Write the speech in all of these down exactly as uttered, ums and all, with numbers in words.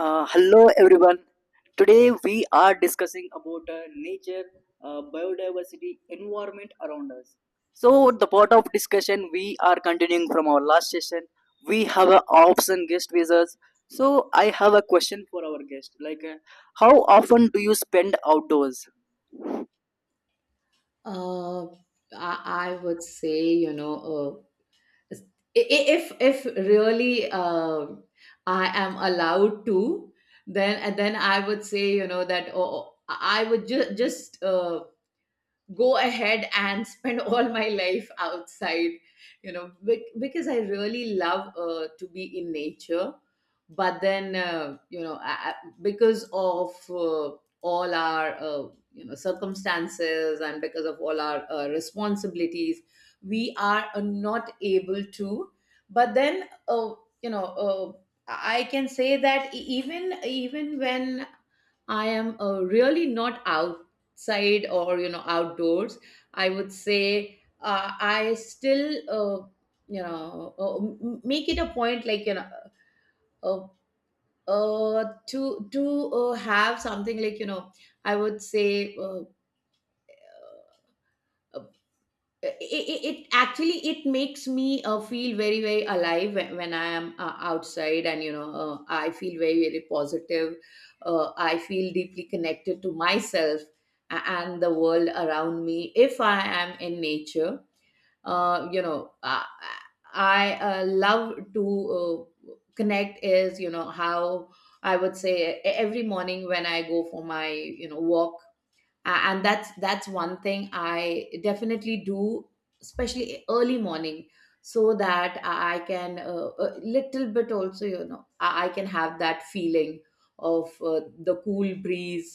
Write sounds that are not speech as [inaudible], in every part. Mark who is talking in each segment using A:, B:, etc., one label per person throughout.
A: Uh, hello everyone. Today we are discussing about uh, nature, uh, biodiversity, environment around us. So the part of discussion we are continuing from our last session. We have an option guest with us. So I have a question for our guest. Like, uh, how often do you spend outdoors?
B: Uh, I, I would say, you know, uh, i- i- if if really uh, I am allowed to, then and then I would say, you know, that oh, oh, I would ju- just uh, go ahead and [laughs] spend all my life outside you know bec- because I really love uh, to be in nature but then uh, you know I, I- because of uh, all our uh, you know circumstances and because of all our uh, responsibilities we are uh, not able to. But then uh, you know uh, I can say that e- even even when I am uh, really not outside or you know outdoors. I would say uh, I still uh, you know uh, m- make it a point like you know uh, uh, to to uh, have something like you know. I would say uh, it, it, it actually it makes me uh, feel very very alive when, when I am uh, outside, and you know uh, I feel very very positive. uh, I feel deeply connected to myself a- and the world around me if I am in nature. uh, you know i, I uh, love to uh, connect is you know how I would say e- every morning when I go for my you know walk, a- and that's that's one thing I definitely do, especially early morning, so that I can uh, a little bit also you know i I can have that feeling of uh, the cool breeze,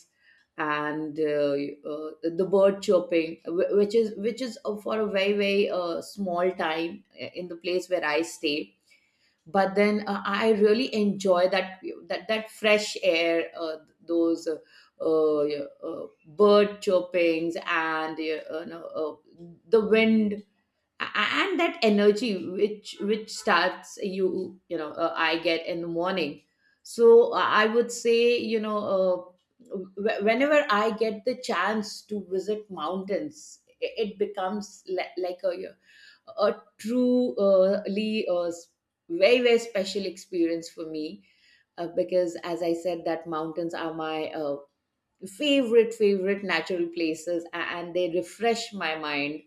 B: and uh, uh, the bird chirping, wh- which is which is uh, for a very very uh, small time uh, in the place where I stay. But then uh, I really enjoy that, that that fresh air, uh, those uh, uh, yeah, uh, bird chirpings, and yeah, uh, no, uh, the wind, a- and that energy which which starts you you know uh, I get in the morning. So uh, I would say you know uh, wh- whenever I get the chance to visit mountains, i- it becomes li- like a, yeah, a truly uh, very very special experience for me, uh, because as I said, that mountains are my uh, favorite favorite natural places, a- and they refresh my mind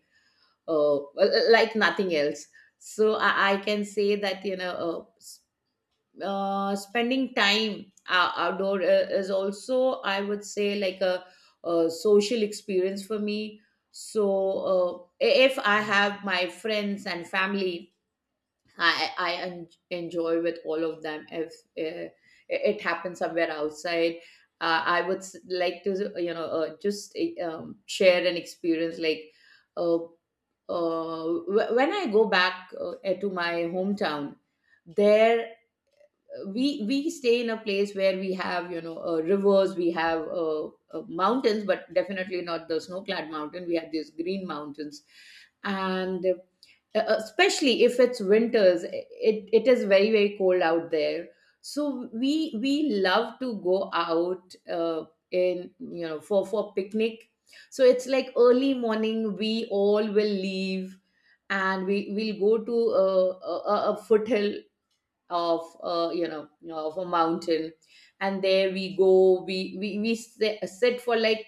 B: uh, well, uh, like nothing else. So i, I can say that you know uh, s- uh, spending time ou- outdoor uh, is also, I would say, like a, a social experience for me. So uh, if I have my friends and family, I I en- enjoy with all of them if uh, it happens somewhere outside. uh, I would s- like to you know uh, just uh, um, share an experience, like uh, uh, wh- when I go back uh, eh, to my hometown. There uh, we we stay in a place where we have you know uh, rivers, we have uh, uh, mountains, but definitely not the snow clad mountain. We have these green mountains, and uh, uh, especially if it's winters, it it is very very cold out there. So we we love to go out uh, in you know for for picnic. So it's like early morning we all will leave, and we will go to a, a, a foothill of uh, you know of a mountain. And there we go, we we, we sit sit for like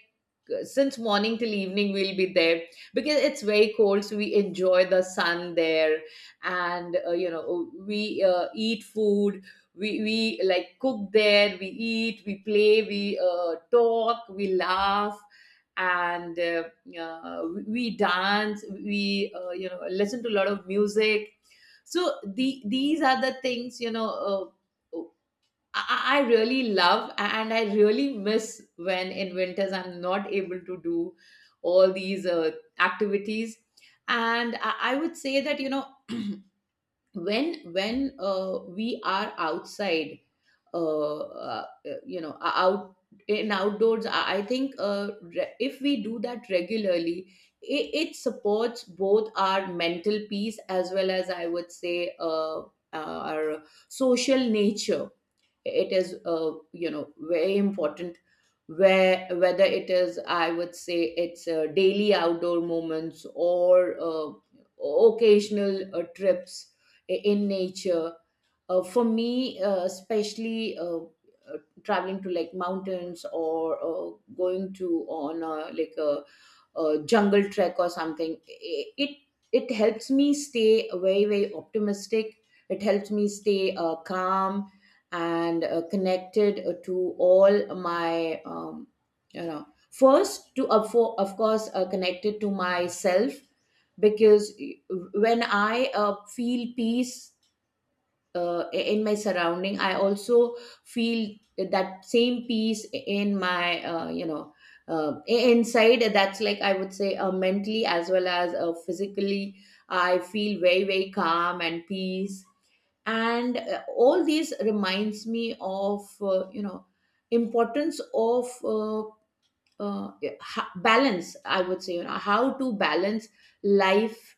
B: since morning till evening we'll be there, because it's very cold, so we enjoy the sun there. And uh, you know we uh, eat food, we, we like cook there, we eat, we play, we uh, talk, we laugh, and uh, uh, we dance, we uh, you know listen to a lot of music. So the these are the things you know uh, I, I really love and I really miss when in winters I'm not able to do all these uh, activities. And I, I would say that you know [clears throat] when when uh, we are outside, uh, uh, uh, you know, out in outdoors, I, I think uh, re- if we do that regularly, it, it supports both our mental peace as well as, I would say, uh, our social nature. It is uh, you know very important where whether it is, I would say, it's uh, daily outdoor moments or uh, occasional uh, trips i- in nature. Uh, for me, uh, especially uh, uh, traveling to like mountains, or uh, going to on a, like a uh, jungle trek or something, it it helps me stay very very optimistic, it helps me stay uh, calm, and uh, connected uh, to all my um, you know first to of for, of course uh, connected to myself. Because uh, when I uh, feel peace uh, in my surrounding, I also feel that same peace in my uh, you know uh, inside. That's like, I would say, uh, mentally as well as uh, physically I feel very very calm and peace. And uh, all these reminds me of uh, you know importance of uh, uh, ha- balance. I would say, you know, how to balance life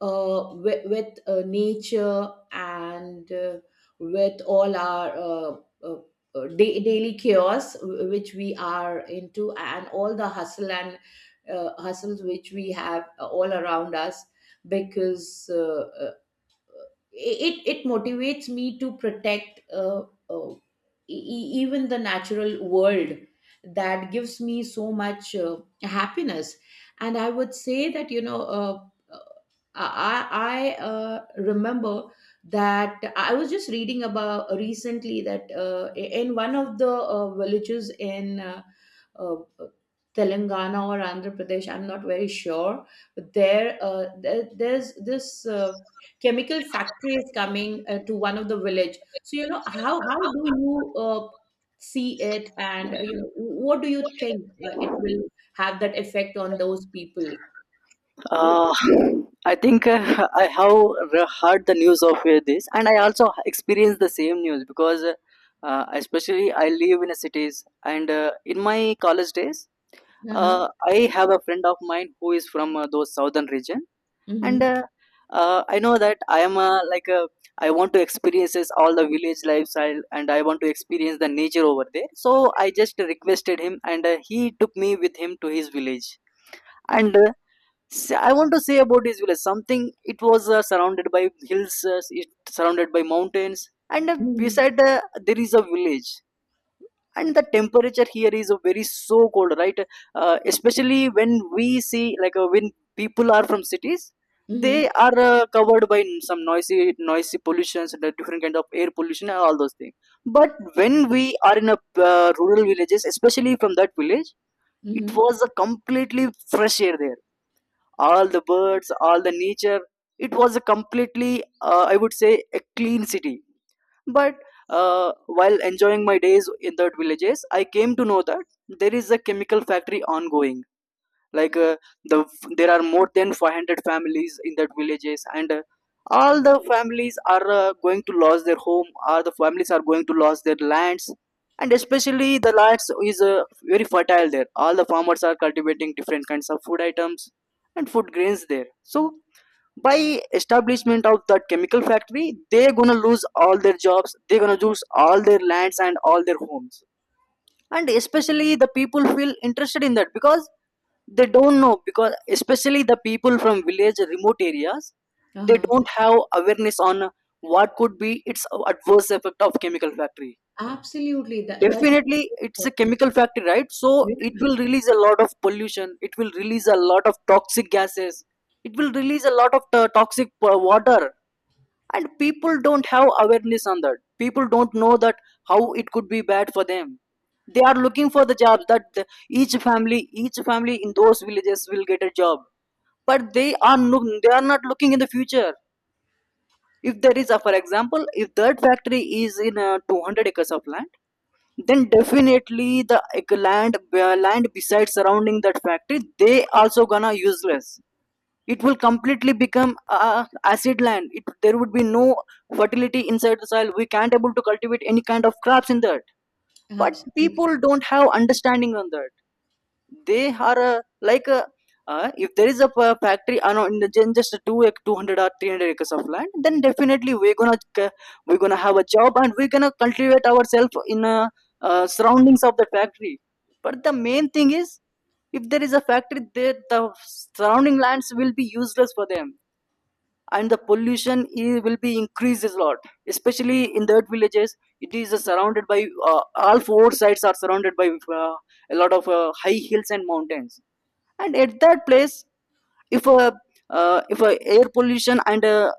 B: uh, with, with uh, nature and uh, with all our uh, uh, uh, da- daily chaos, w- which we are into, and all the hustle and uh, hustles which we have all around us. Because uh, uh, it it motivates me to protect uh, uh, e- e- even the natural world that gives me so much uh, happiness. And I would say that you know uh, uh, I I uh, remember that I was just reading about recently that uh, in one of the uh, villages in uh, uh, Telangana or Andhra Pradesh, I'm not very sure. But there, uh, there there's this uh, chemical factory is coming uh, to one of the village. So you know how how do you uh, see it, and uh, you know what do you think uh, it will have that effect on those people?
A: Uh, I think uh, I have re- heard the news of uh, this, and I also experienced the same news because, uh, uh, especially, I live in a cities, and uh, in my college days,
B: Uh-huh.
A: uh, I have a friend of mine who is from uh, those southern region, and
B: Mm-hmm.
A: uh, uh, I know that I am uh, like a, I want to experience this all the village lifestyle, and I want to experience the nature over there. So I just requested him, and uh, he took me with him to his village, and. Uh, See, I want to say about this village something. It was uh, surrounded by hills, uh, it surrounded by mountains, and uh,
B: Mm-hmm.
A: beside uh, there is a village. And the temperature here is uh, very so cold, right? Uh, especially when we see like uh, when people are from cities,
B: Mm-hmm.
A: they are uh, covered by some noisy, noisy pollutions, the different kind of air pollution, and all those things. But when we are in a uh, rural villages, especially from that village, it
B: Mm-hmm.
A: was a completely fresh air there. All the birds, all the nature. It was a completely uh, I would say a clean city. But uh, while enjoying my days in that villages, I came to know that there is a chemical factory ongoing. like uh, the there are more than five hundred families in that villages, and uh, all the families are uh, going to lose their home, or the families are going to lose their lands. And especially the lands is uh, very fertile there. All the farmers are cultivating different kinds of food items and food grains there. So by establishment of that chemical factory, they're gonna lose all their jobs, they're gonna lose all their lands and all their homes. And especially the people feel interested in that because they don't know, because especially the people from village remote areas, they
B: Uh-huh.
A: don't have awareness on what could be its adverse effect of chemical factory.
B: Absolutely. That that is
A: Definitely
B: so
A: it's a
B: important.
A: chemical factory, right? So
B: Yeah.
A: it will release a lot of pollution, it will release a lot of toxic gases, it will release a lot of to- toxic uh, water. And people don't have awareness on that, people don't know that how it could be bad for them. They are looking for the jobs that the- each family, each family in those villages will get a job. But they are, no, they are not looking in the future. If there is a, for example, if that factory is in uh, two hundred acres of land, then definitely the ec- land uh, land besides surrounding that factory, they also gonna useless. It will completely become uh, acid land. It, there would be no fertility inside the soil, we can't able to cultivate any kind of crops in that. But
B: Absolutely.
A: people don't have understanding on that. They are uh, like a, uh, if there is a p- factory uh, no, in the gen- just two ac- two hundred or three hundred acres of land, then definitely we're gonna c- we're gonna have a job, and we're gonna cultivate ourselves in uh, uh, surroundings of the factory. But the main thing is, if there is a factory there, the surrounding lands will be useless for them, and the pollution i- will be increased a lot, especially in that villages. It is uh, surrounded by uh, all four sides are surrounded by uh, a lot of uh, high hills and mountains. And at that place, if uh, uh, if uh, air pollution and uh,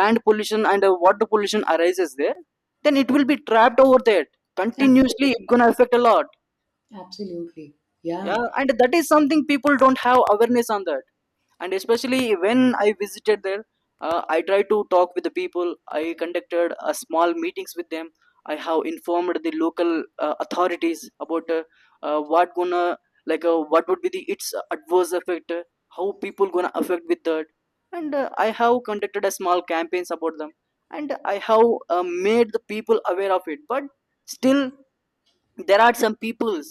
A: land pollution and uh, water pollution arises there, then it will be trapped over there. Continuously
B: Absolutely.
A: it's gonna affect a lot.
B: Absolutely. Yeah.
A: Yeah, and that is something people don't have awareness on that. And especially when I visited there, uh, I tried to talk with the people, I conducted a small meetings with them, I have informed the local uh, authorities about uh, uh, what gonna like uh, what would be the its adverse effect, uh, how people gonna affect with that. And uh, I have conducted a small campaigns about them, and I have uh, made the people aware of it. But still there are some peoples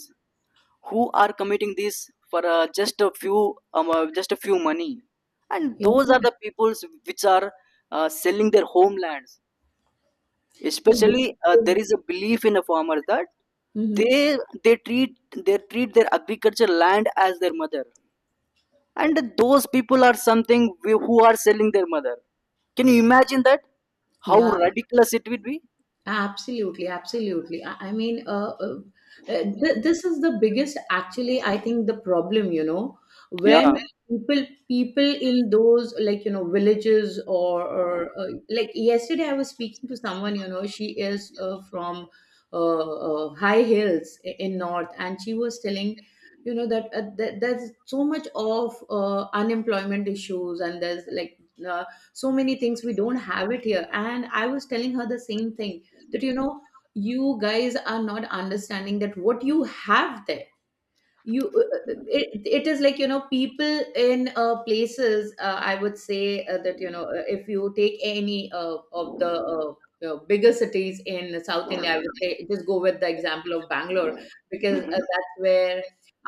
A: who are committing this for uh, just a few um, uh, just a few money. And
B: Yeah.
A: those are the peoples which are uh, selling their homelands.
B: Yeah,
A: Especially uh, there
B: because.
A: is a belief in the farmers that
B: Mhm.
A: they they treat they treat their agriculture land as their mother. And those people are something wh- who are selling their mother. Can you imagine that? How
B: Yeah.
A: ridiculous it would be.
B: Absolutely, absolutely. I, I mean, uh, uh, uh, th- this is the biggest, actually, I think, the problem, you know, when
A: Yeah. [laughs]
B: people people in those, like you know, villages, or, or uh, like yesterday I was speaking to someone, you know, she is uh, from uh, uh, high hills i- in north, and she was telling. You know that, uh, that there's so much of uh, unemployment issues, and there's like uh, so many things we don't have it here. And I was telling her the same thing that you know you guys are not understanding that what you have there. You uh, it, it is like you know people in uh, places, uh, I would say uh, that you know uh, if you take any uh, of the uh, uh, bigger cities in south india, I would say, just go with the example of bangalore, because uh,
A: Mhm.
B: that's where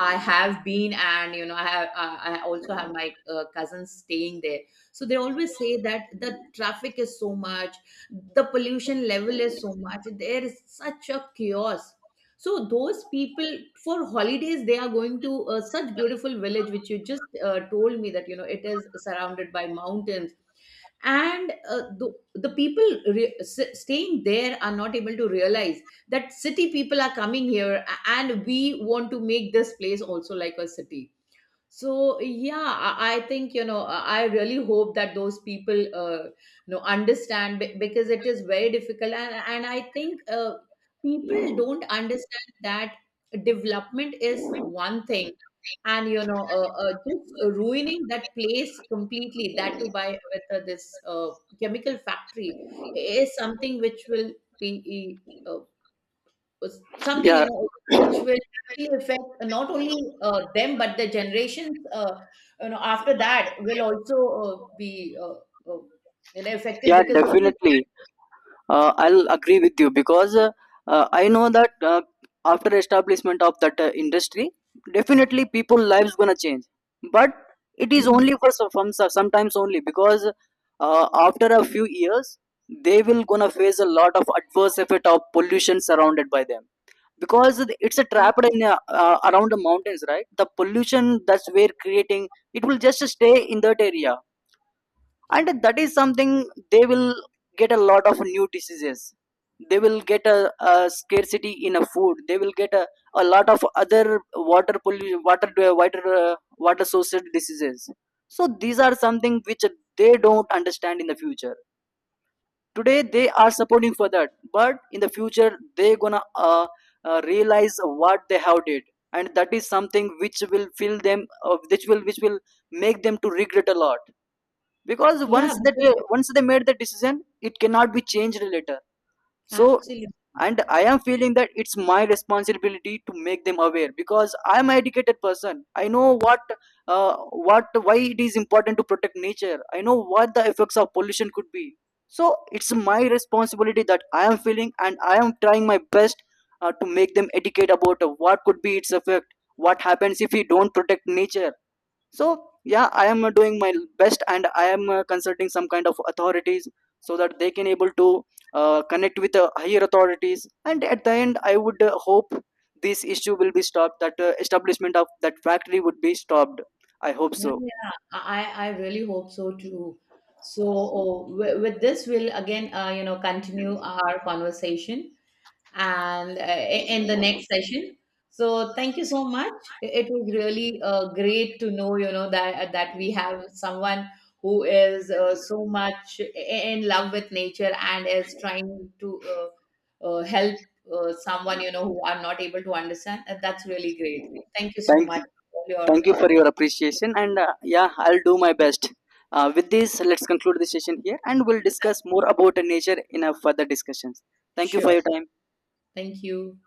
B: I have been, and you know i have i I also have my uh, cousins staying there. So they always say that the traffic is so much, the pollution level is so much, there is such a chaos. So those people for holidays, they are going to uh, such beautiful village, which you just uh, told me that you know it is surrounded by mountains, and uh, the the people re- s- staying there are not able to realize that city people are coming here, a- and we want to make this place also like a city. So yeah, I, I think you know I I really hope that those people uh, you know understand, be- because it is very difficult. and and I think uh, people don't understand that development is one thing, and you know uh, uh, just ruining that place completely, that to buy with uh, this uh, chemical factory is something which will be. Uh, was something
A: Yeah,
B: you know which will actually affect not only uh, them, but the generations uh, you know after that will also uh, be uh, uh, you know affected
A: yeah,
B: because of.
A: definitely. Uh, I'll agree with you because uh, uh, I know that uh, after establishment of that uh, industry, definitely people lives gonna change. But it is only for some, from some- sometimes only, because uh, after a few years they will gonna face a lot of adverse effect of pollution surrounded by them, because it's a trapped in uh, uh, around the mountains, right? The pollution that's we're creating, it will just stay in that area. And that is something, they will get a lot of new diseases, they will get a, a scarcity in a food, they will get a, a lot of other water pollution, water uh, water uh, water sourced diseases. So these are something which they don't understand in the future. Today they are supporting for that, but in the future they gonna uh, uh, realize what they have did. And that is something which will fill them, uh, which will which will make them to regret a lot. Because
B: Yeah,
A: once that
B: because
A: they, once they made the decision, it cannot be changed later. So,
B: absolutely,
A: and I am feeling that it's my responsibility to make them aware, because I am an educated person. I know what, uh, what why it is important to protect nature. I know what the effects of pollution could be. So it's my responsibility that I am feeling, and I am trying my best uh, to make them educate about uh, what could be its effect, what happens if we don't protect nature. So yeah, I am uh, doing my best, and I am uh, consulting some kind of authorities so that they can able to uh, connect with uh, higher authorities. And at the end, I would uh, hope this issue will be stopped, that uh, establishment of that factory would be stopped. I hope
B: yeah,
A: so.
B: yeah, i i really hope so too. So uh, wi- with this we'll again uh, you know continue our conversation, and uh, in the next session. So thank you so much. It was really uh, great to know, you know, that uh, that we have someone who is uh, so much i- in love with nature, and is trying to uh, uh, help uh, someone, you know, who are not able to understand. And that's really great. Thank you so
A: Thank you.
B: much for your.
A: Thank you for your appreciation, and uh, yeah, I'll do my best. Uh, with this, let's conclude the session here, and we'll discuss more about nature in our further discussions. Thank you for
B: Sure.
A: your time.
B: Thank you.